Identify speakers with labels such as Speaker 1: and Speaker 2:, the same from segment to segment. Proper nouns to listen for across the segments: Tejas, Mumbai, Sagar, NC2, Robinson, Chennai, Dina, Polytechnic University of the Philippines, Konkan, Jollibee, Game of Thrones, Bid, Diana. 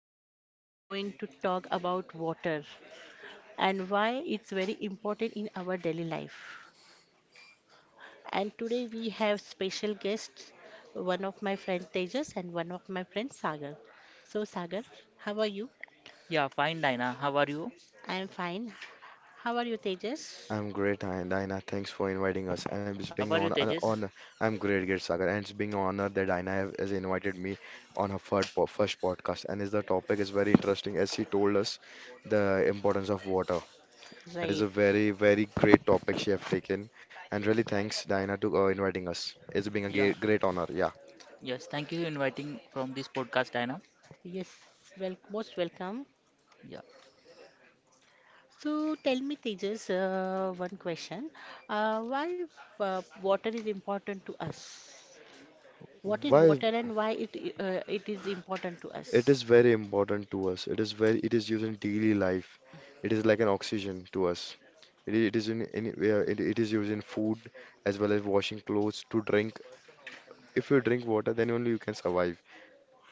Speaker 1: Today I am going to talk about water and why it's very important in our daily life. And today we have special guests, one of my friend Tejas and one of my friend Sagar. So Sagar, how are you?
Speaker 2: Yeah, fine, Dina. How are you?
Speaker 1: I am fine. How are you Tejas?
Speaker 3: Dina, Thanks for inviting us. And it's
Speaker 2: How
Speaker 3: being
Speaker 2: are you,
Speaker 3: on an
Speaker 2: Tejas?
Speaker 3: honor. I'm great, great Sagar, and it's being an honor that Dina has invited me on her first podcast. And is the topic is very interesting, as she told us the importance of water. It is
Speaker 1: Right.
Speaker 3: a very, very great topic she have taken. And really, thanks, Dina, to inviting us. It's being a
Speaker 2: Yeah,
Speaker 3: great, great honor. Yeah.
Speaker 2: yes. Thank you for inviting from this podcast, Dina.
Speaker 1: Yes, well, most welcome.
Speaker 2: Yeah,
Speaker 1: So tell me, Tejas, one question. Why water is important to us? What is
Speaker 3: Why?
Speaker 1: water and why it is important to
Speaker 3: It is
Speaker 1: us?
Speaker 3: very important to us. It is very, it is used in daily life. It is like an oxygen to us. It is in, it is used in food as well as washing clothes to drink. If you drink water, then only you can survive.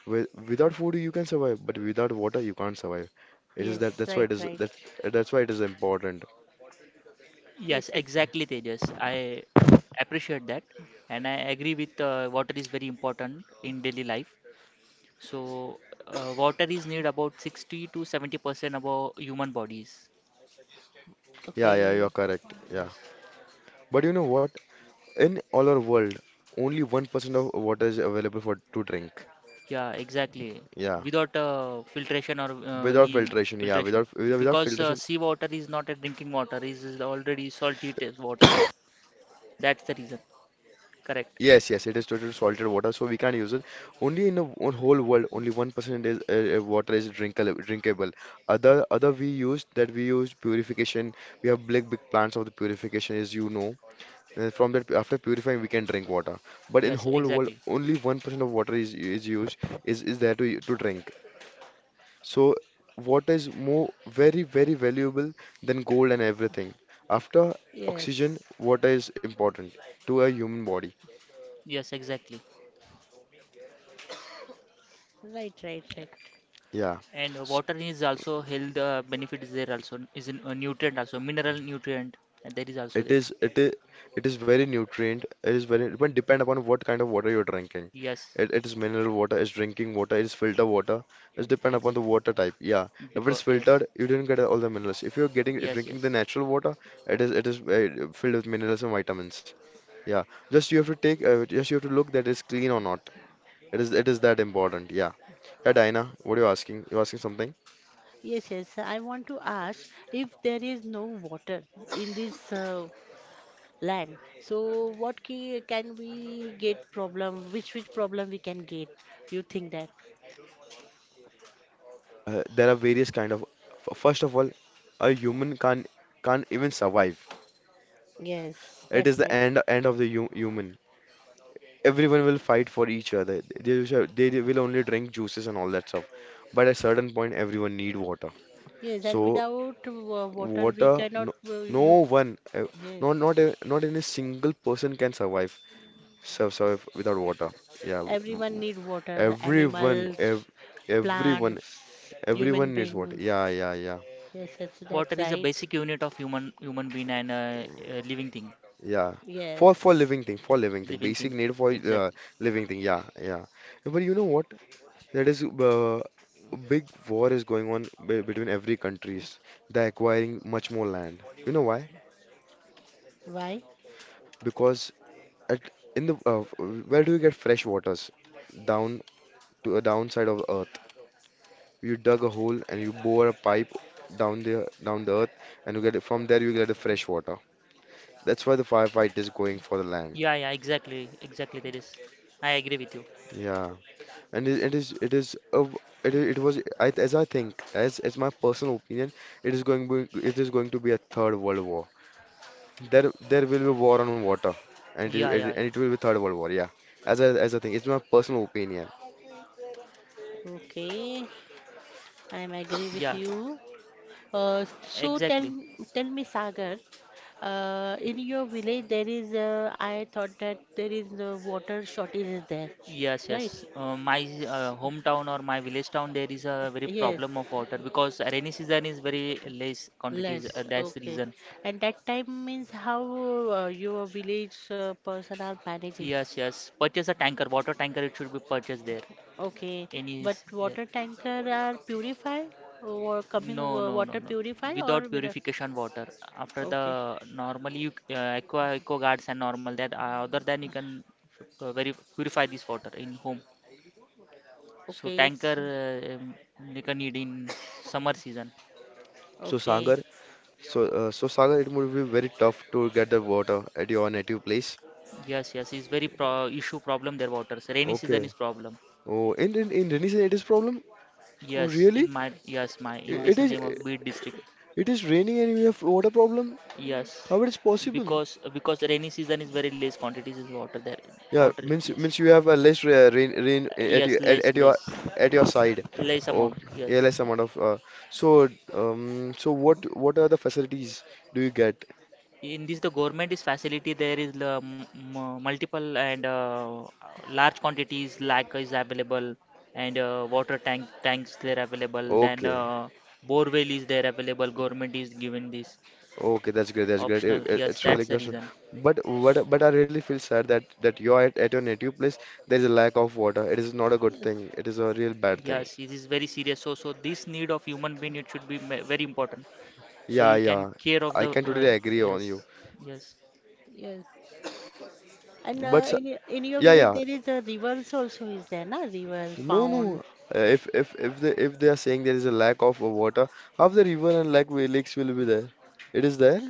Speaker 3: With, without food, you can survive, but without water, you can't survive. It is that.
Speaker 1: Yes,
Speaker 3: That's why
Speaker 1: right,
Speaker 3: it is
Speaker 1: right.
Speaker 3: that. That's why it is important.
Speaker 2: yes,
Speaker 1: Yes, yes.
Speaker 2: exactly, Tejas. I appreciate that, and I agree with water is very important in daily life. So, water is need about 60 to 70% of our human bodies.
Speaker 3: Yeah, yeah, you are
Speaker 1: Okay.
Speaker 3: correct. Yeah,
Speaker 2: Yes.
Speaker 3: but you know what? In all our world, only 1% of water is available for to drink.
Speaker 2: Yeah, exactly.
Speaker 3: Yeah,
Speaker 2: Without filtration or
Speaker 3: without
Speaker 2: any
Speaker 3: filtration. Yeah,
Speaker 2: filtration,
Speaker 3: without without
Speaker 2: because
Speaker 3: filtration.
Speaker 2: sea water is not a drinking water; is already salty taste water there. That's the reason. Correct.
Speaker 3: Yes, yes, it is total salted water, so we can't use it. Only in the whole world, only 1% is water is drinkable, drinkable. Other we used that we used purification. We have big big plants of the purification, as you know. And from that, after purifying, we can drink water. But in
Speaker 2: Yes,
Speaker 3: whole world,
Speaker 2: exactly.
Speaker 3: only 1% of water is used is there to drink. So water is more very very valuable than gold and everything. After oxygen,
Speaker 1: Yes.
Speaker 3: water is important to a human body.
Speaker 2: Yes, exactly.
Speaker 1: Right, right, right.
Speaker 3: Yeah.
Speaker 2: And water is also health benefit is there, also is a nutrient, also mineral nutrient, and that is also
Speaker 3: It
Speaker 2: there.
Speaker 3: is it is it is very nutrient. It is very it will depend upon what kind of water you're drinking.
Speaker 2: Yes,
Speaker 3: It is mineral water, it's drinking water, it's filter water. It's depend upon the
Speaker 2: exactly.
Speaker 3: water type. Yeah. If
Speaker 2: Because
Speaker 3: it's
Speaker 2: yes,
Speaker 3: filtered, you didn't get all the minerals. If you're getting
Speaker 2: yes,
Speaker 3: drinking the
Speaker 2: yes.
Speaker 3: natural water, it is filled with minerals and vitamins. Yeah. Just you have to take just you have to look that it's clean or not. It is that important. Yeah. Yeah, Diana, what are you asking? You're asking something?
Speaker 1: Yes, yes. I want to ask if there is no water in this land, so can we get problem? Which problem we can get? You think that?
Speaker 3: There are various kind of first of all, a human can't even survive.
Speaker 1: Yes,
Speaker 3: It
Speaker 1: that's
Speaker 3: is the
Speaker 1: right.
Speaker 3: end of the hu human. Everyone will fight for each other. They will only drink juices and all that stuff. But at a certain point, everyone need water.
Speaker 1: Yes, and
Speaker 3: So
Speaker 1: without water we
Speaker 3: water,
Speaker 1: cannot
Speaker 3: no, no
Speaker 1: you.
Speaker 3: one,
Speaker 1: Yes.
Speaker 3: not any single person can survive survive without water. Yeah,
Speaker 1: Everyone need water,
Speaker 3: everyone, ev
Speaker 1: animals,
Speaker 3: everyone,
Speaker 1: plants, human
Speaker 3: everyone needs water.
Speaker 1: beings.
Speaker 3: Yeah, yeah, yeah,
Speaker 1: Yes, yes,
Speaker 2: Water
Speaker 1: that's
Speaker 2: is a
Speaker 1: right.
Speaker 2: basic unit of human being and living thing,
Speaker 3: yeah. For
Speaker 1: Yes.
Speaker 3: living thing, for living thing,
Speaker 2: living thing.
Speaker 3: basic need for
Speaker 2: Exactly.
Speaker 3: living thing. Yeah, yeah. But you know what? That is a big war is going on be between every countries. They're acquiring much more land. You know why?
Speaker 1: Why?
Speaker 3: Because at in the where do you get fresh waters? Down to a downside of earth. You dug a hole and you bore a pipe down the earth, and you get it from there you get the fresh water. That's why the firefight is going for the land.
Speaker 2: Yeah, yeah, exactly, exactly. That is. I agree with you.
Speaker 3: Yeah, and it, it is a w- it, I- it was I, as I think as my personal opinion, it is going it is going to be a third world war. There will be war on water, and it,
Speaker 2: Yeah,
Speaker 3: it,
Speaker 2: yeah,
Speaker 3: and
Speaker 2: yeah,
Speaker 3: it will be Third World War. Yeah, as as a thing, it's my personal opinion.
Speaker 1: Okay, I am agree with
Speaker 2: yeah.
Speaker 1: you. So tell
Speaker 2: Exactly.
Speaker 1: me, Sagar, in your village there is I thought that there is no water shortage is there,
Speaker 2: Yes, yes.
Speaker 1: right?
Speaker 2: My hometown or my village town, there is a very
Speaker 1: Yes,
Speaker 2: problem of water because rainy season is very less quantities. Uh,
Speaker 1: less.
Speaker 2: that's the
Speaker 1: Okay,
Speaker 2: reason.
Speaker 1: and that time means how your village person are managing.
Speaker 2: Yes, yes. Purchase a tanker, water tanker. It should be purchased there.
Speaker 1: Okay,
Speaker 2: Any
Speaker 1: but
Speaker 2: is there?
Speaker 1: water tanker are purify or
Speaker 2: No,
Speaker 1: coming
Speaker 2: no, no,
Speaker 1: water
Speaker 2: no.
Speaker 1: purify
Speaker 2: Without
Speaker 1: or with a
Speaker 2: purification water. After the
Speaker 1: okay,
Speaker 2: normally you aqua guards and normal that other than you can very purify this water in home. So
Speaker 1: okay, it's
Speaker 2: tanker you can need in summer season.
Speaker 3: So
Speaker 1: okay,
Speaker 3: Sagar, so Sagar, it would be very tough to get the water at your native place.
Speaker 2: Yes, yes, it's very pro issue problem there waters. Rainy season
Speaker 3: Okay.
Speaker 2: is problem.
Speaker 3: Oh, in in rainy season, it is problem. Oh,
Speaker 2: Yes,
Speaker 3: really?
Speaker 2: in my yes, my in
Speaker 3: I- It
Speaker 2: this
Speaker 3: is
Speaker 2: name of Bid district.
Speaker 3: it is raining and we have water problem.
Speaker 2: Yes,
Speaker 3: How it is possible?
Speaker 2: because rainy season is very less quantities is water there.
Speaker 3: Yeah,
Speaker 2: Water, yes.
Speaker 3: means you have a less rain at
Speaker 2: Yes,
Speaker 3: your at,
Speaker 2: less
Speaker 3: at your
Speaker 2: less
Speaker 3: at your side.
Speaker 2: less
Speaker 3: Oh,
Speaker 2: amount.
Speaker 3: yeah,
Speaker 2: Yes,
Speaker 3: less amount of. So so what are the facilities do you get?
Speaker 2: in this the government is facility. There is multiple and large quantities like is available, and water tanks there available. Then
Speaker 3: Okay,
Speaker 2: borewell is there available. Government is given this
Speaker 3: okay, that's great, that's great.
Speaker 2: optional. Yes,
Speaker 3: It's really
Speaker 2: that's the
Speaker 3: good.
Speaker 2: reason.
Speaker 3: But what but I really feel sad that you're at your native place. There is a lack of water. It is not a good thing. It is a real bad thing.
Speaker 2: Yes, it is very serious, so this need of human being, it should be very important. So
Speaker 3: Yeah,
Speaker 2: you can
Speaker 3: yeah,
Speaker 2: care of
Speaker 3: I
Speaker 2: the
Speaker 3: can
Speaker 2: uh,
Speaker 3: totally agree on
Speaker 2: Yes,
Speaker 3: you.
Speaker 2: yes,
Speaker 1: yes. And
Speaker 3: But s-
Speaker 1: in your
Speaker 3: yeah,
Speaker 1: village
Speaker 3: yeah.
Speaker 1: there is a rivers also is there, na? River,
Speaker 3: No, no. If if they if they are saying there is a lack of water, half the river and lakes will be there. It is there,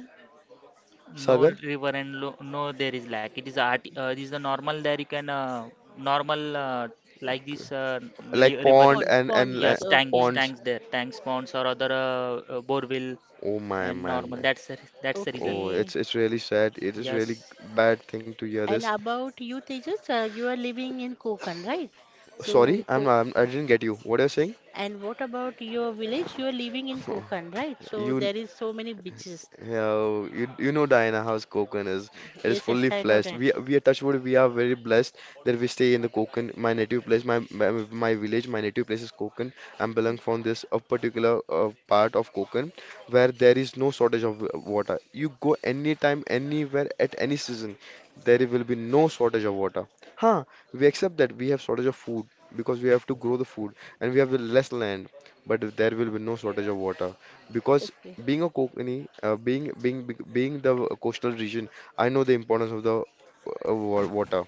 Speaker 2: no
Speaker 3: Sagar,
Speaker 2: river and lo no, there is lack. It is art, it is the normal there, you can normal like this
Speaker 3: like
Speaker 2: river is.
Speaker 3: pond and
Speaker 1: ponds.
Speaker 2: Yes, tanks
Speaker 1: Okay,
Speaker 3: ponds.
Speaker 2: tanks there, tanks, ponds, or other borewell
Speaker 3: Oh my
Speaker 2: and
Speaker 3: my
Speaker 2: normal.
Speaker 3: my.
Speaker 2: That's the reason.
Speaker 3: Oh,
Speaker 1: okay.
Speaker 3: it's really sad. It is really
Speaker 2: Yes,
Speaker 3: bad thing to hear
Speaker 1: And
Speaker 3: this.
Speaker 1: about you, Tejas, you are living in Konkan, right? So,
Speaker 3: Sorry, I'm,
Speaker 1: Ko
Speaker 3: I'm I didn't get you. What are you saying?
Speaker 1: and what about your village? You are living in Konkan, right? So
Speaker 3: You
Speaker 1: there is so many beaches.
Speaker 3: Yeah, you know Diana House Konkan is. It is
Speaker 1: Yes, yes,
Speaker 3: fully
Speaker 1: I know
Speaker 3: blessed.
Speaker 1: that.
Speaker 3: We are touch wood. We are very blessed that we stay in the Konkan, my native place, my village, my native place is Konkan. I'm belong from this a particular part of Konkan where there is no shortage of water. You go anytime, anywhere, at any season, there will be no shortage of water. Huh? We accept that we have shortage of food because we have to grow the food and we have less land, but there will be no shortage of water because
Speaker 1: Okay.
Speaker 3: being a Konkani, being the coastal region, I know the importance of the water.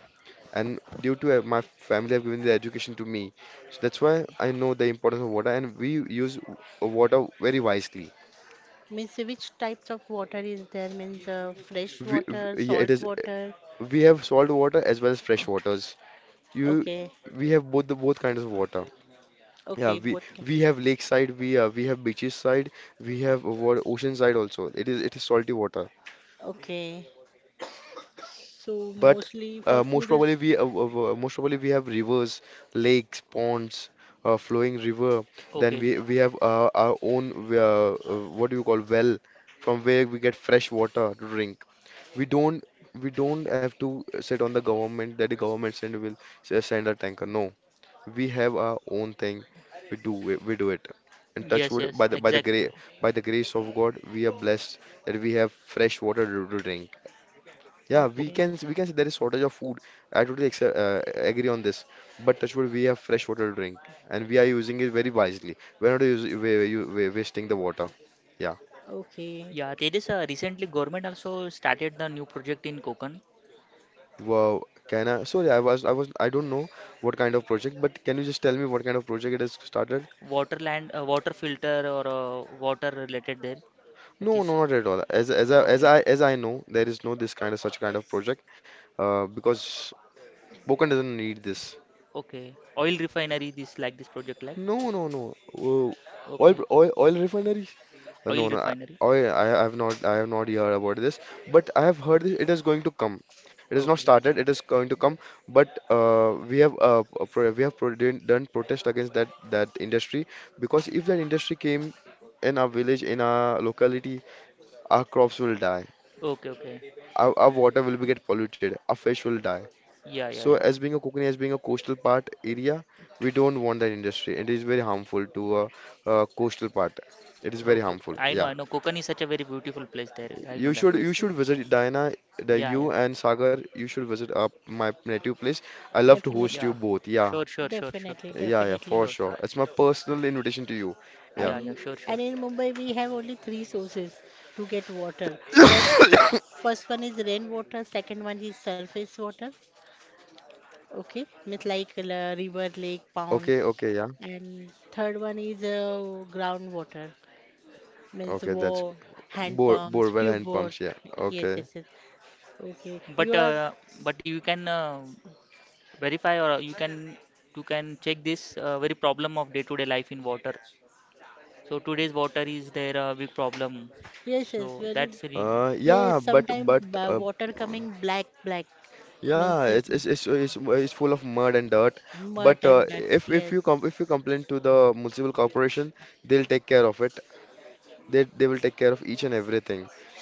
Speaker 3: And due to my family have given the education to me, so that's why I know the importance of water. And we use water very wisely.
Speaker 1: Means which types of water is there? Means fresh
Speaker 3: We,
Speaker 1: water,
Speaker 3: we Yeah, it
Speaker 1: salt
Speaker 3: is
Speaker 1: water.
Speaker 3: we have salt water as well as
Speaker 1: Oh,
Speaker 3: fresh waters. You
Speaker 1: okay.
Speaker 3: we have both the both kinds of water. Yeah,
Speaker 1: Okay. Both.
Speaker 3: we have lakeside, we have beaches side, we have ocean side also. It is salty water.
Speaker 1: Okay. So
Speaker 3: But
Speaker 1: mostly for food is.
Speaker 3: most probably we have rivers, lakes, ponds, flowing river. Then
Speaker 2: okay.
Speaker 3: we have our own what do you call well, from where we get fresh water to drink. We don't we don't have to sit on the government that the government send will send a tanker. No, we have our own thing. We do it, we do it. And touch
Speaker 2: Yes,
Speaker 3: wood
Speaker 2: yes,
Speaker 3: by the gra
Speaker 2: exactly.
Speaker 3: by the grace of God, we are blessed that we have fresh water to drink. Yeah,
Speaker 2: Okay.
Speaker 1: Okay.
Speaker 3: we can say there is shortage of food. I totally accept, agree on this. But touch wood, we have fresh water to drink, and we are using it very wisely. We're not use, we wasting the water. Yeah.
Speaker 1: Okay.
Speaker 2: Yeah, Tejas, recently government also started the new project in Konkan,
Speaker 3: Wow. Can I? Sorry, I was I don't know what kind of project, but can you just tell me what kind of project it is started?
Speaker 2: water land, water filter or water related there. That
Speaker 3: No,
Speaker 2: is.
Speaker 3: no, not at all. As
Speaker 2: Okay.
Speaker 3: as I know, there is no this kind of such kind of project. Because Pokan doesn't need this.
Speaker 2: Okay, oil refinery. This, like this project like.
Speaker 3: No, no, no. Oh, oil
Speaker 2: Okay,
Speaker 3: oil oil refinery.
Speaker 2: oil
Speaker 3: No, no,
Speaker 2: refinery.
Speaker 3: I have not heard about this, but I have heard this, it is going to come. It is not
Speaker 2: Okay,
Speaker 3: started. It is going to come, but we have pro we have pro done done protest against that industry because if that industry came in our village, in our locality, our crops will die.
Speaker 2: okay, okay.
Speaker 3: Our water will be get polluted. Our fish will die.
Speaker 2: Yeah, yeah,
Speaker 3: So,
Speaker 2: yeah.
Speaker 3: as being a Kokani, as being a coastal part area, we don't want that industry. It is very harmful to a coastal part. It is very
Speaker 2: Okay, okay.
Speaker 3: harmful.
Speaker 2: I know,
Speaker 3: Yeah.
Speaker 2: I know. Konkan is such a very beautiful place there. I know that.
Speaker 3: You
Speaker 1: Yes. Yes.
Speaker 3: should visit Diana, the
Speaker 2: Yeah,
Speaker 3: you
Speaker 2: yeah,
Speaker 3: and Sagar. You should visit up my native place. I love to host
Speaker 1: Definitely.
Speaker 2: yeah.
Speaker 3: you both. Yeah,
Speaker 2: Sure, sure, sure, sure,
Speaker 1: Definitely.
Speaker 3: yeah, yeah, for
Speaker 1: Definitely.
Speaker 2: sure,
Speaker 3: sure.
Speaker 2: sure.
Speaker 3: It's my personal invitation to you. Yeah.
Speaker 2: Yeah, yeah,
Speaker 1: And
Speaker 2: sure, sure.
Speaker 1: and in Mumbai we have only three sources to get water. First, one is rain water. Second one is surface water. Okay, means like river, lake,
Speaker 3: Okay,
Speaker 1: ponds,
Speaker 3: okay, yeah.
Speaker 1: and third one is groundwater, means
Speaker 3: Okay, that's
Speaker 1: war, hand pumps,
Speaker 3: borewell
Speaker 1: tube
Speaker 3: hand
Speaker 1: water.
Speaker 3: pumps. Yeah.
Speaker 1: Yes,
Speaker 3: Okay.
Speaker 1: yes, yes. Okay,
Speaker 2: But
Speaker 1: you are
Speaker 2: uh, but you can verify or you can check this very problem of day-to-day life in water. So today's water is their big problem.
Speaker 1: yes, yes,
Speaker 2: So
Speaker 1: very
Speaker 2: that's really.
Speaker 1: yes.
Speaker 3: Yeah,
Speaker 1: Sometimes
Speaker 3: but
Speaker 1: water coming black, black
Speaker 3: Yeah,
Speaker 1: means it
Speaker 3: it's it's full of mud and dirt.
Speaker 1: mud
Speaker 3: But
Speaker 1: and that.
Speaker 3: if you com if you
Speaker 1: Yes,
Speaker 3: complain to the municipal corporation, they'll take care of it. They will take care of each and everything,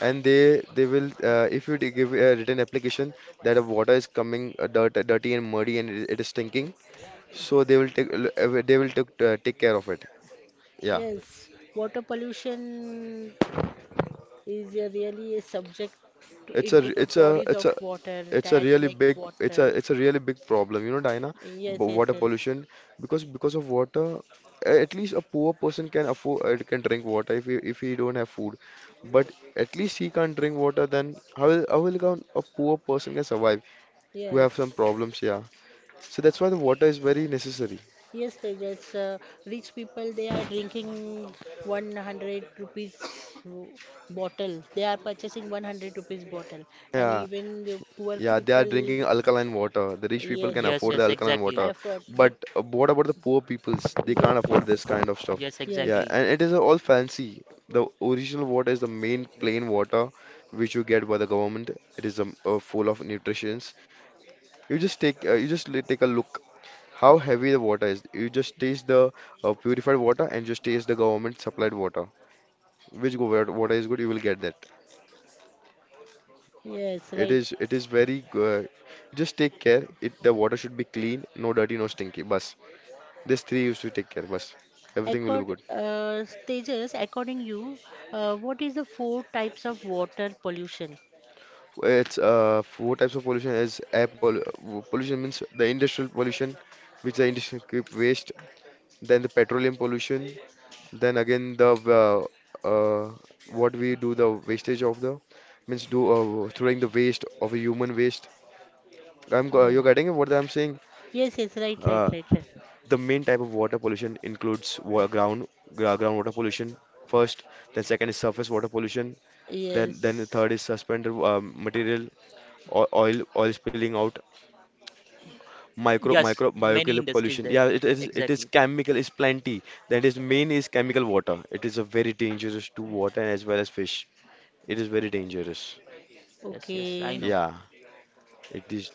Speaker 3: and they will if you give a written application that a water is coming dirt, dirty and muddy and it is stinking, so they will take a they will take take care of it yeah
Speaker 1: yes. Water pollution is a really a subject to,
Speaker 3: it's a
Speaker 1: into the
Speaker 3: it's a
Speaker 1: bodies
Speaker 3: it's
Speaker 1: of
Speaker 3: a
Speaker 1: water
Speaker 3: it's a
Speaker 1: that
Speaker 3: really
Speaker 1: make
Speaker 3: big it's a
Speaker 1: water.
Speaker 3: it's a really big problem, Diana.
Speaker 1: Yes, yes,
Speaker 3: Water
Speaker 1: yes.
Speaker 3: pollution, because of water at least a poor person can afford can drink water if he don't have food, but at least he can't drink water. Then how will a poor person can survive, who have some
Speaker 1: Yes,
Speaker 3: problems, yeah. So that's why the water is very necessary.
Speaker 1: yes, Tejas. Rich people they are drinking 100 rupees bottle. They are purchasing 100 rupees bottle, and
Speaker 3: Yeah,
Speaker 1: even the poor
Speaker 3: yeah, they are
Speaker 1: people.
Speaker 3: drinking alkaline water. The rich people
Speaker 1: Yes,
Speaker 3: can
Speaker 1: yes,
Speaker 2: Yes,
Speaker 3: afford the
Speaker 2: yes,
Speaker 1: yes.
Speaker 3: alkaline
Speaker 2: exactly.
Speaker 3: water,
Speaker 1: Effort,
Speaker 3: but
Speaker 1: but
Speaker 3: what about the poor peoples? They can't
Speaker 1: yes,
Speaker 3: afford this
Speaker 1: yes,
Speaker 3: kind of stuff.
Speaker 2: Yes,
Speaker 3: Yeah,
Speaker 1: yes,
Speaker 2: exactly.
Speaker 3: and it is all fancy. The original water is the main plain water which you get by the government. It is full of nutrients. You just take you just take a look how heavy the water is. You just taste the purified water and just taste the government supplied water. Which water is good, you will get that.
Speaker 1: yes. Right.
Speaker 3: It is very good. Just take care. It the water should be clean, no dirty, no stinky. Bus. These three you should take care. Bus.
Speaker 1: I
Speaker 3: Everything will be
Speaker 1: got
Speaker 3: good.
Speaker 1: Tejas. According you, what is the four types of water pollution?
Speaker 3: It's four types of pollution is air pollution means the industrial pollution, which the industry keep waste. Then the petroleum pollution. Then again the what we do the wastage of the means do throwing the waste of a human waste.
Speaker 1: Yes,
Speaker 3: You're getting what I'm saying?
Speaker 1: yes, yes. Right, right,
Speaker 3: Uh,
Speaker 1: right, right.
Speaker 3: The main type of water pollution includes wa ground groundwater pollution first, then second is surface water pollution, then the
Speaker 1: Yes.
Speaker 3: third is suspended material, oil oil spilling out,
Speaker 2: Yes,
Speaker 3: micro
Speaker 2: many
Speaker 3: biochemical
Speaker 2: industries
Speaker 3: pollution.
Speaker 2: there.
Speaker 3: Yeah, it is
Speaker 2: Exactly.
Speaker 3: chemical is plenty. That is main is chemical water. It is a very dangerous to water and as well as fish. It is very dangerous.
Speaker 2: Yes, yes, I
Speaker 1: Okay.
Speaker 2: know.
Speaker 3: Yeah, it is.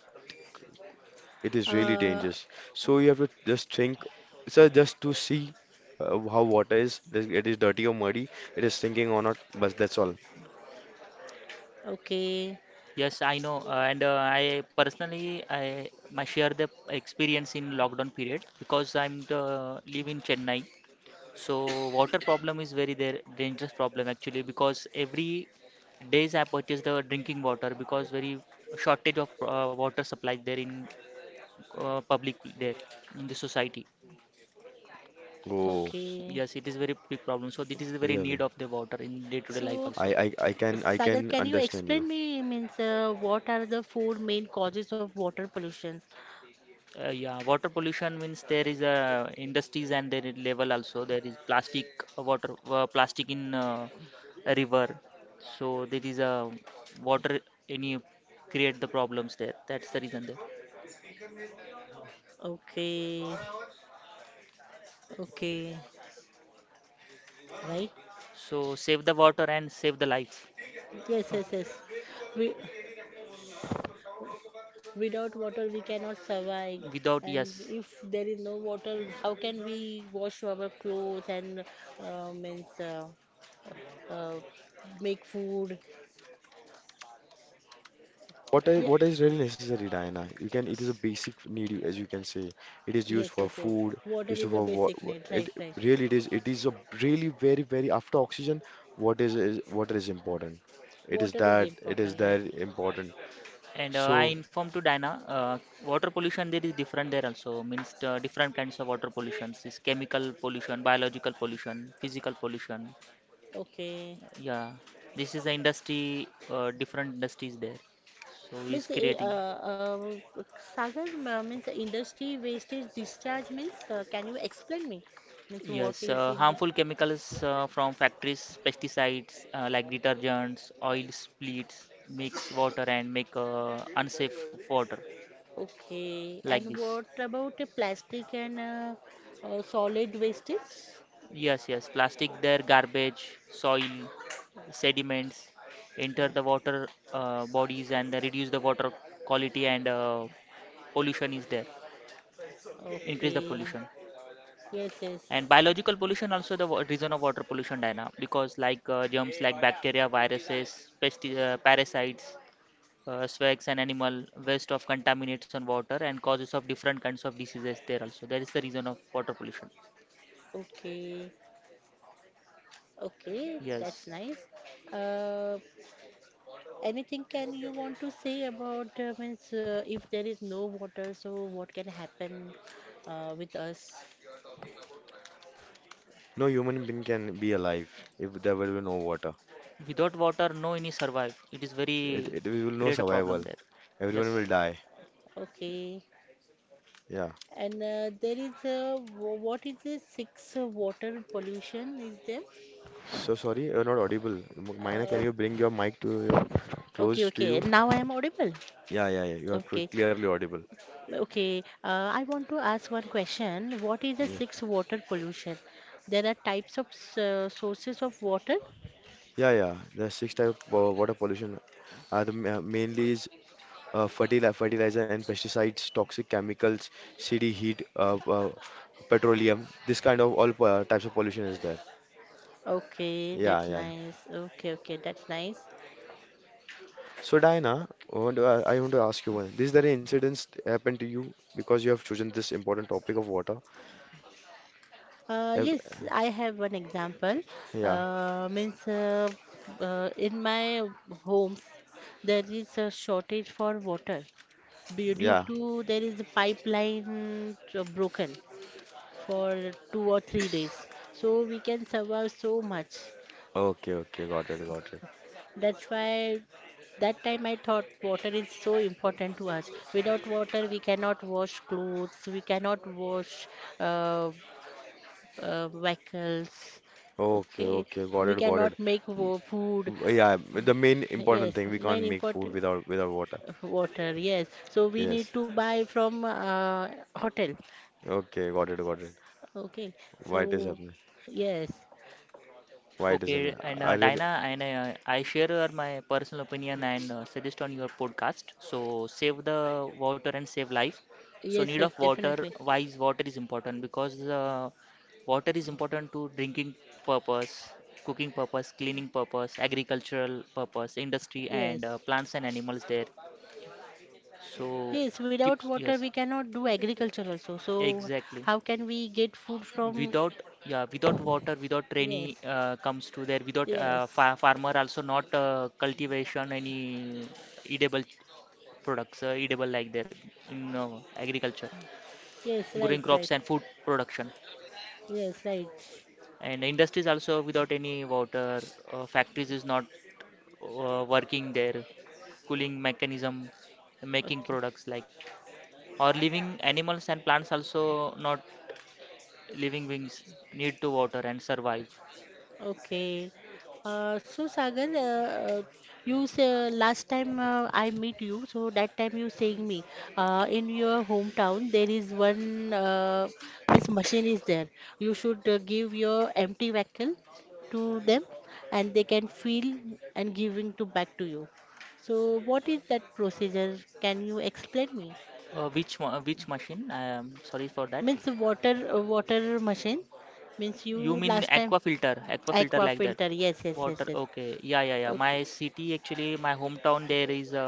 Speaker 3: It is really
Speaker 1: Uh,
Speaker 3: dangerous. So you have to just think, so just to see how water is, that it is dirty or muddy, it is sinking or not, but that's all.
Speaker 1: okay,
Speaker 2: Yes, I know. And I personally, I share the experience in lockdown period, because I'm the, live in Chennai. So water problem is very there dangerous problem actually, because every days I purchase the drinking water, because very shortage of water supply there in public there in the society.
Speaker 3: Oh,
Speaker 2: S-
Speaker 1: okay.
Speaker 2: Yes, it is very big problem. So this is the very need
Speaker 3: really?
Speaker 2: of the water in day-to-day life
Speaker 1: So,
Speaker 2: also.
Speaker 3: I can I
Speaker 1: Sagar,
Speaker 3: can
Speaker 1: can you
Speaker 3: understand you.
Speaker 1: explain me means what are the four main causes of water pollution?
Speaker 2: Yeah, water pollution means there is industries and their level, also there is plastic, water, plastic in a river, so there is a water any create the problems there. That's the reason there.
Speaker 1: Okay, okay, right?
Speaker 2: So save the water and save the life.
Speaker 1: Yes, yes, yes. We, without water, we cannot survive.
Speaker 2: Without,
Speaker 1: And
Speaker 2: yes.
Speaker 1: if there is no water, how can we wash our clothes and means uh, make food? Yeah.
Speaker 3: What is really necessary, Diana? You can it is a basic need as you can say. It is used
Speaker 1: Yes,
Speaker 3: for
Speaker 1: yes, yes.
Speaker 3: food,
Speaker 1: Water
Speaker 3: used
Speaker 1: is a
Speaker 3: for
Speaker 1: basic need, right,
Speaker 3: it
Speaker 1: right.
Speaker 3: really it is a really very very after oxygen, what is water is important.
Speaker 1: Water is
Speaker 3: It is
Speaker 1: important, right.
Speaker 3: that important.
Speaker 2: And I
Speaker 3: So.
Speaker 2: informed to Dina, water pollution there is different there also, means different kinds of water pollutions is chemical pollution, biological pollution, physical pollution.
Speaker 1: Okay.
Speaker 2: Yeah, this is the industry, different industries there, so he's
Speaker 1: Means,
Speaker 2: creating.
Speaker 1: uh, Sagar, means industry wastage discharge means, can you explain me? Means what
Speaker 2: Yes,
Speaker 1: is
Speaker 2: harmful
Speaker 1: industry?
Speaker 2: chemicals from factories, pesticides like detergents, oil splits, mix water and make unsafe water,
Speaker 1: Okay.
Speaker 2: like
Speaker 1: And
Speaker 2: this.
Speaker 1: what about the plastic and solid wastage?
Speaker 2: Yes, yes, plastic there, garbage, soil, sediments enter
Speaker 1: Yeah.
Speaker 2: the water bodies and they reduce the water quality, and pollution is there, increase the
Speaker 1: Okay.
Speaker 2: pollution.
Speaker 1: Yes, yes.
Speaker 2: And biological pollution also the reason of water pollution, Diana, because like germs like bacteria, viruses, parasites, swags and animal waste of contaminates on water and causes of different kinds of diseases there also. That is the reason of water pollution.
Speaker 1: Okay. Okay, that's
Speaker 2: Yes.
Speaker 1: nice. Uh, Anything can you want to say about means if there is no water, so what can happen with us?
Speaker 3: No human being can be alive if there will be no water.
Speaker 2: Without water, no any survive. It is
Speaker 3: It,
Speaker 2: very
Speaker 3: it will no
Speaker 2: great a problem
Speaker 3: survival.
Speaker 2: there.
Speaker 3: Everyone
Speaker 2: Yes.
Speaker 3: will die.
Speaker 1: Okay.
Speaker 3: Yeah.
Speaker 1: And there is a what is this six water pollution is there?
Speaker 3: So sorry, you're not audible. Maina, can
Speaker 1: Uh,
Speaker 3: you bring your mic to your
Speaker 1: okay,
Speaker 3: close to
Speaker 1: okay.
Speaker 3: you?
Speaker 1: Now I am audible.
Speaker 3: Yeah, yeah, yeah. You are
Speaker 1: Okay,
Speaker 3: clearly audible.
Speaker 1: okay. I want to ask one question. What is the
Speaker 3: Yeah,
Speaker 1: six water pollution? There are types of sources of water.
Speaker 3: yeah, yeah. The six type of water pollution are the mainly is fertilizer, fertilizer and pesticides, toxic chemicals, city heat, petroleum. This kind of all types of pollution is there.
Speaker 1: Okay,
Speaker 3: Yeah,
Speaker 1: that's
Speaker 3: yeah, yeah.
Speaker 1: nice. Okay, okay, that's nice.
Speaker 3: So Diana, I want to ask you one. These there incidents happened to you because you have chosen this important topic of water. Have-
Speaker 1: Yes, I have one example.
Speaker 3: Yeah,
Speaker 1: Means in my homes there is a shortage for water due
Speaker 3: yeah.
Speaker 1: to there is a pipeline broken for 2 or 3 days. So we can survive so much.
Speaker 3: Okay, okay, got it, got it.
Speaker 1: That's why that time I thought water is so important to us. Without water, we cannot wash clothes, we cannot wash uh, vehicles.
Speaker 3: Okay,
Speaker 1: Okay,
Speaker 3: okay, got
Speaker 1: we
Speaker 3: it, got
Speaker 1: cannot
Speaker 3: it.
Speaker 1: make
Speaker 3: Mm,
Speaker 1: food.
Speaker 3: w- Yeah, but the main important
Speaker 1: Yes,
Speaker 3: thing we can't
Speaker 1: main
Speaker 3: make food
Speaker 1: important
Speaker 3: without without water.
Speaker 1: water. Yes, so we
Speaker 3: Yes.
Speaker 1: need to buy from hotel.
Speaker 3: Okay, got it, got it.
Speaker 1: Okay,
Speaker 3: Why it is
Speaker 1: so
Speaker 3: happening?
Speaker 1: yes,
Speaker 3: Why it is
Speaker 2: Okay,
Speaker 3: happening?
Speaker 2: and
Speaker 3: I really
Speaker 2: Dina, and I share my personal opinion and suggest on your podcast. So save the water and save life. So
Speaker 1: yes,
Speaker 2: need
Speaker 1: yes,
Speaker 2: of water,
Speaker 1: definitely.
Speaker 2: why is water is important? Because water is important to drinking purpose, cooking purpose, cleaning purpose, agricultural purpose, industry, and
Speaker 1: Yes,
Speaker 2: plants and animals there. So
Speaker 1: yes. Without
Speaker 2: keeps,
Speaker 1: water,
Speaker 2: yes,
Speaker 1: we cannot do agriculture also. So
Speaker 2: exactly.
Speaker 1: how can we get food from?
Speaker 2: Without, yeah, without water, without rainy
Speaker 1: Yes,
Speaker 2: comes to there, without fa
Speaker 1: yes,
Speaker 2: farmer also not cultivation any edible products, edible like there, in agriculture,
Speaker 1: yes. Right,
Speaker 2: growing
Speaker 1: right.
Speaker 2: crops and food production,
Speaker 1: Yes, right.
Speaker 2: and industries also without any water, factories is not working there, cooling mechanism, making
Speaker 1: Okay.
Speaker 2: products like, or living animals and plants also, not living beings need to water and survive.
Speaker 1: Okay. So Sagar, you say last time I meet you, so that time you saying me in your hometown there is one means machine is there. You should give your empty vehicle to them, and they can fill and giving to back to you. So what is that procedure? Can you explain me?
Speaker 2: Which which machine? Sorry for that.
Speaker 1: Means water machine. Means
Speaker 2: You
Speaker 1: you
Speaker 2: mean
Speaker 1: last time
Speaker 2: aqua filter? Aqua filter
Speaker 1: aqua
Speaker 2: like that?
Speaker 1: filter. Yes, yes, yes,
Speaker 2: Water.
Speaker 1: yes.
Speaker 2: Okay. Yeah, yeah, yeah.
Speaker 1: Okay.
Speaker 2: My city actually, my hometown, there is a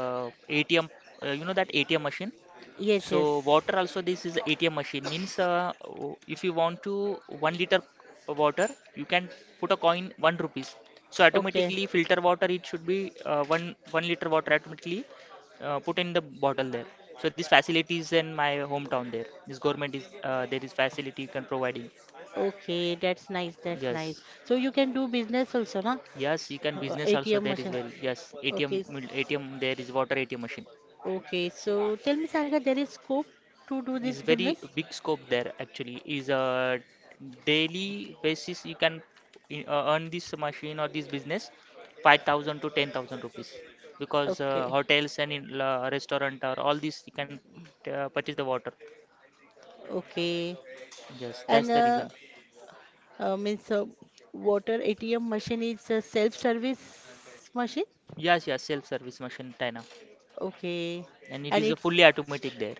Speaker 2: ATM. You know that ATM machine?
Speaker 1: Yes,
Speaker 2: So
Speaker 1: yes.
Speaker 2: water, also this is ATM machine, means if you want to 1 liter water, you can put a coin 1 rupees. So
Speaker 1: Okay.
Speaker 2: automatically filter water, it should be one liter water automatically put in the bottle there. So this facility is in my hometown there. This government is, there is facility you can providing.
Speaker 1: Okay, that's nice. That's nice.
Speaker 2: Yes,
Speaker 1: So you can do business also, na?
Speaker 2: yes, you can business also,
Speaker 1: ATM
Speaker 2: there is
Speaker 1: machine.
Speaker 2: very. Yes,
Speaker 1: Okay.
Speaker 2: ATM, ATM, there is water ATM machine.
Speaker 1: Okay. So tell me, Saga, there is scope to do
Speaker 2: Is
Speaker 1: this
Speaker 2: very
Speaker 1: business?
Speaker 2: big scope there actually. Is a daily basis, you can earn this machine or this business 5,000 to 10,000 rupees, because
Speaker 1: Okay.
Speaker 2: hotels and in, restaurant or all this you can purchase the water.
Speaker 1: Okay.
Speaker 2: Yes, that's
Speaker 1: And
Speaker 2: the
Speaker 1: uh,
Speaker 2: reason.
Speaker 1: uh, means water ATM machine is a self-service machine?
Speaker 2: Yes, yes, self service machine, china.
Speaker 1: Okay.
Speaker 2: And it
Speaker 1: And
Speaker 2: is a
Speaker 1: it's
Speaker 2: fully automatic there.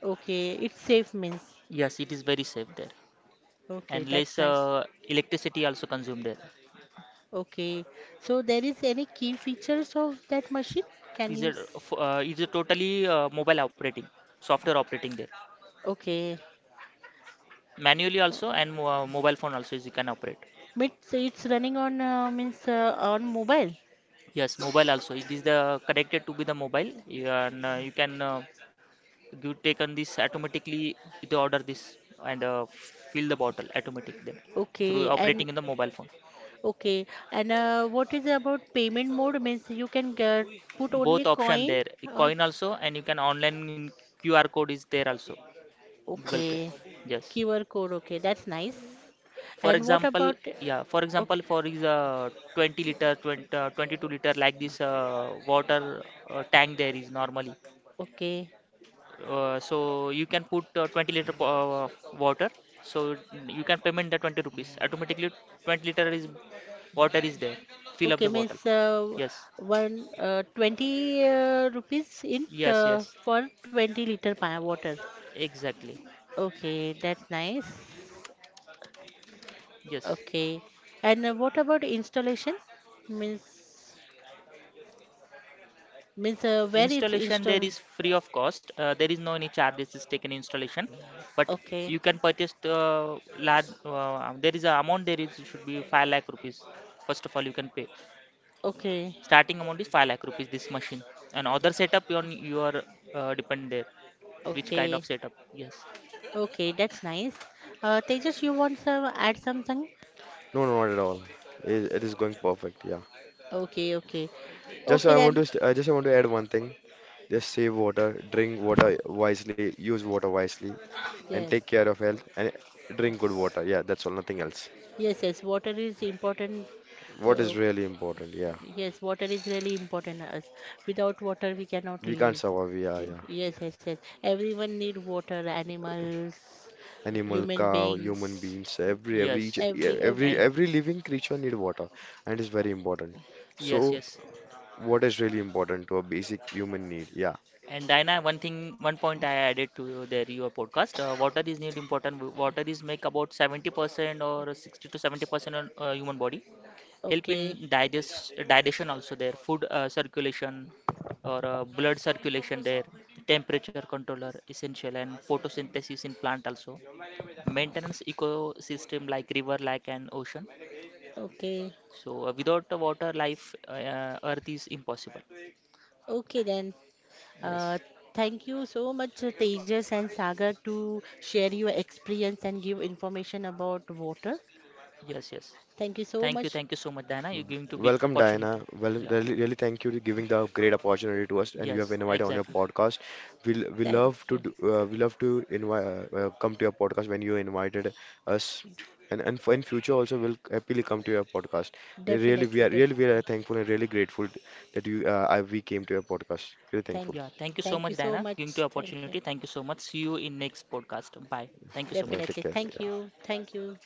Speaker 1: okay. It's safe means.
Speaker 2: Yes, it is very safe there,
Speaker 1: Okay,
Speaker 2: and less
Speaker 1: that's nice.
Speaker 2: electricity also consumed there.
Speaker 1: Okay. So there is any key features of that machine? Can
Speaker 2: is
Speaker 1: you?
Speaker 2: a f- uh, is a totally mobile operating, software operating there.
Speaker 1: Okay.
Speaker 2: Manually also,
Speaker 1: Um,
Speaker 2: and mobile phone also is you can operate.
Speaker 1: it's running on mobile.
Speaker 2: Yes, mobile also, it is the connected to be the mobile you, and you can, you take on this automatically, they order this and fill the bottle automatic there through
Speaker 1: Okay. And
Speaker 2: operating in the mobile phone.
Speaker 1: okay. And what is about payment mode? Means you can get, put
Speaker 2: Both
Speaker 1: only
Speaker 2: option
Speaker 1: coin
Speaker 2: there,
Speaker 1: or
Speaker 2: coin also, and you can online, qr code is there also, google pay.
Speaker 1: okay.
Speaker 2: Yes,
Speaker 1: QR code. Okay. That's nice.
Speaker 2: for
Speaker 1: And what
Speaker 2: example.
Speaker 1: about?
Speaker 2: Yeah, for example,
Speaker 1: Okay.
Speaker 2: for is 20 liter, 20, 22 liter, like this water tank there is normally.
Speaker 1: Okay,
Speaker 2: So you can put 20 liter water. So you can payment the 20 rupees. Automatically 20 liter is water is there. Fill up
Speaker 1: Okay,
Speaker 2: the bottle.
Speaker 1: means
Speaker 2: Yes.
Speaker 1: one 20 rupees in
Speaker 2: Yes, yes.
Speaker 1: for 20 liter water.
Speaker 2: Exactly.
Speaker 1: Okay, that's nice.
Speaker 2: Yes.
Speaker 1: Okay, and what about installation? Means means where it's
Speaker 2: Installation there
Speaker 1: installed?
Speaker 2: is free of cost. There is no any charges is taken installation, but
Speaker 1: Okay,
Speaker 2: you can purchase the large. There is a amount there is should be 5 lakh rupees. First of all, you can pay.
Speaker 1: okay,
Speaker 2: Starting amount is 5 lakh rupees. This machine and other setup on your, depend there. Which kind of
Speaker 1: okay,
Speaker 2: setup? Yes,
Speaker 1: okay. That's nice. Tejas, you want some add something?
Speaker 3: no, no, not at all. It is going perfect. Yeah.
Speaker 1: Okay, okay,
Speaker 3: Just
Speaker 1: okay.
Speaker 3: I want
Speaker 1: Then
Speaker 3: to st I just I want to add one thing. Just save water, drink water wisely, use water wisely. And
Speaker 1: yes,
Speaker 3: take care of health and drink good water. Yeah, that's all, nothing else.
Speaker 1: yes, yes. Water is important.
Speaker 3: What is
Speaker 1: Uh,
Speaker 3: really important? Yeah,
Speaker 1: Yes, water is really important to us. Without water, we cannot
Speaker 3: we can't
Speaker 1: live.
Speaker 3: survive. Yeah, yeah.
Speaker 1: Yes, yes, yes. Everyone need water. Animals,
Speaker 3: Animal,
Speaker 1: human
Speaker 3: cow, human
Speaker 1: beings,
Speaker 3: beings, every each,
Speaker 2: yes,
Speaker 3: yeah,
Speaker 1: every,
Speaker 3: every
Speaker 1: every.
Speaker 2: and
Speaker 3: every living creature need water, and it's very important.
Speaker 2: yes,
Speaker 3: So,
Speaker 2: yes.
Speaker 3: what is really important to a basic human need? Yeah.
Speaker 2: And Diana, one thing, one point I added to there your podcast. Water is need important. Water is make about 70% or 60 to 70% on human body, help in
Speaker 1: Okay,
Speaker 2: digestion also there, food circulation or blood circulation there, temperature controller essential and photosynthesis in plant also, maintenance ecosystem like river, lake and ocean.
Speaker 1: okay,
Speaker 2: So without the water, life, Earth is impossible.
Speaker 1: okay. Then,
Speaker 2: Yes,
Speaker 1: uh, thank you so much, Tejas and Sagar, to share your experience and give information about water.
Speaker 2: yes, yes.
Speaker 1: Thank you so much.
Speaker 2: Thank you so much, Diana. You're giving to big
Speaker 3: Welcome,
Speaker 2: opportunity.
Speaker 3: Diana. Well,
Speaker 2: Yeah,
Speaker 3: really, really thank you to giving the great opportunity to us, and you have
Speaker 2: yes,
Speaker 3: invited on your
Speaker 2: exactly.
Speaker 3: podcast. We will we
Speaker 1: Thank
Speaker 3: love to
Speaker 1: you.
Speaker 3: do, we love to invite come to your podcast when you invited us, and for in future also we'll happily come to your podcast.
Speaker 1: Definitely,
Speaker 3: Really we are
Speaker 1: definitely.
Speaker 3: thankful and really grateful that we came to your podcast. Really
Speaker 1: Thank
Speaker 3: thankful.
Speaker 2: Yeah,
Speaker 1: you.
Speaker 2: thank you so
Speaker 1: Thank you
Speaker 2: much,
Speaker 1: so
Speaker 2: Diana.
Speaker 1: much.
Speaker 2: Giving to
Speaker 1: Thank you.
Speaker 2: opportunity. Thank you so much. See you in next podcast. Bye. Thank you so much.
Speaker 3: Take
Speaker 1: Definitely.
Speaker 3: care.
Speaker 1: Thank you. Thank you.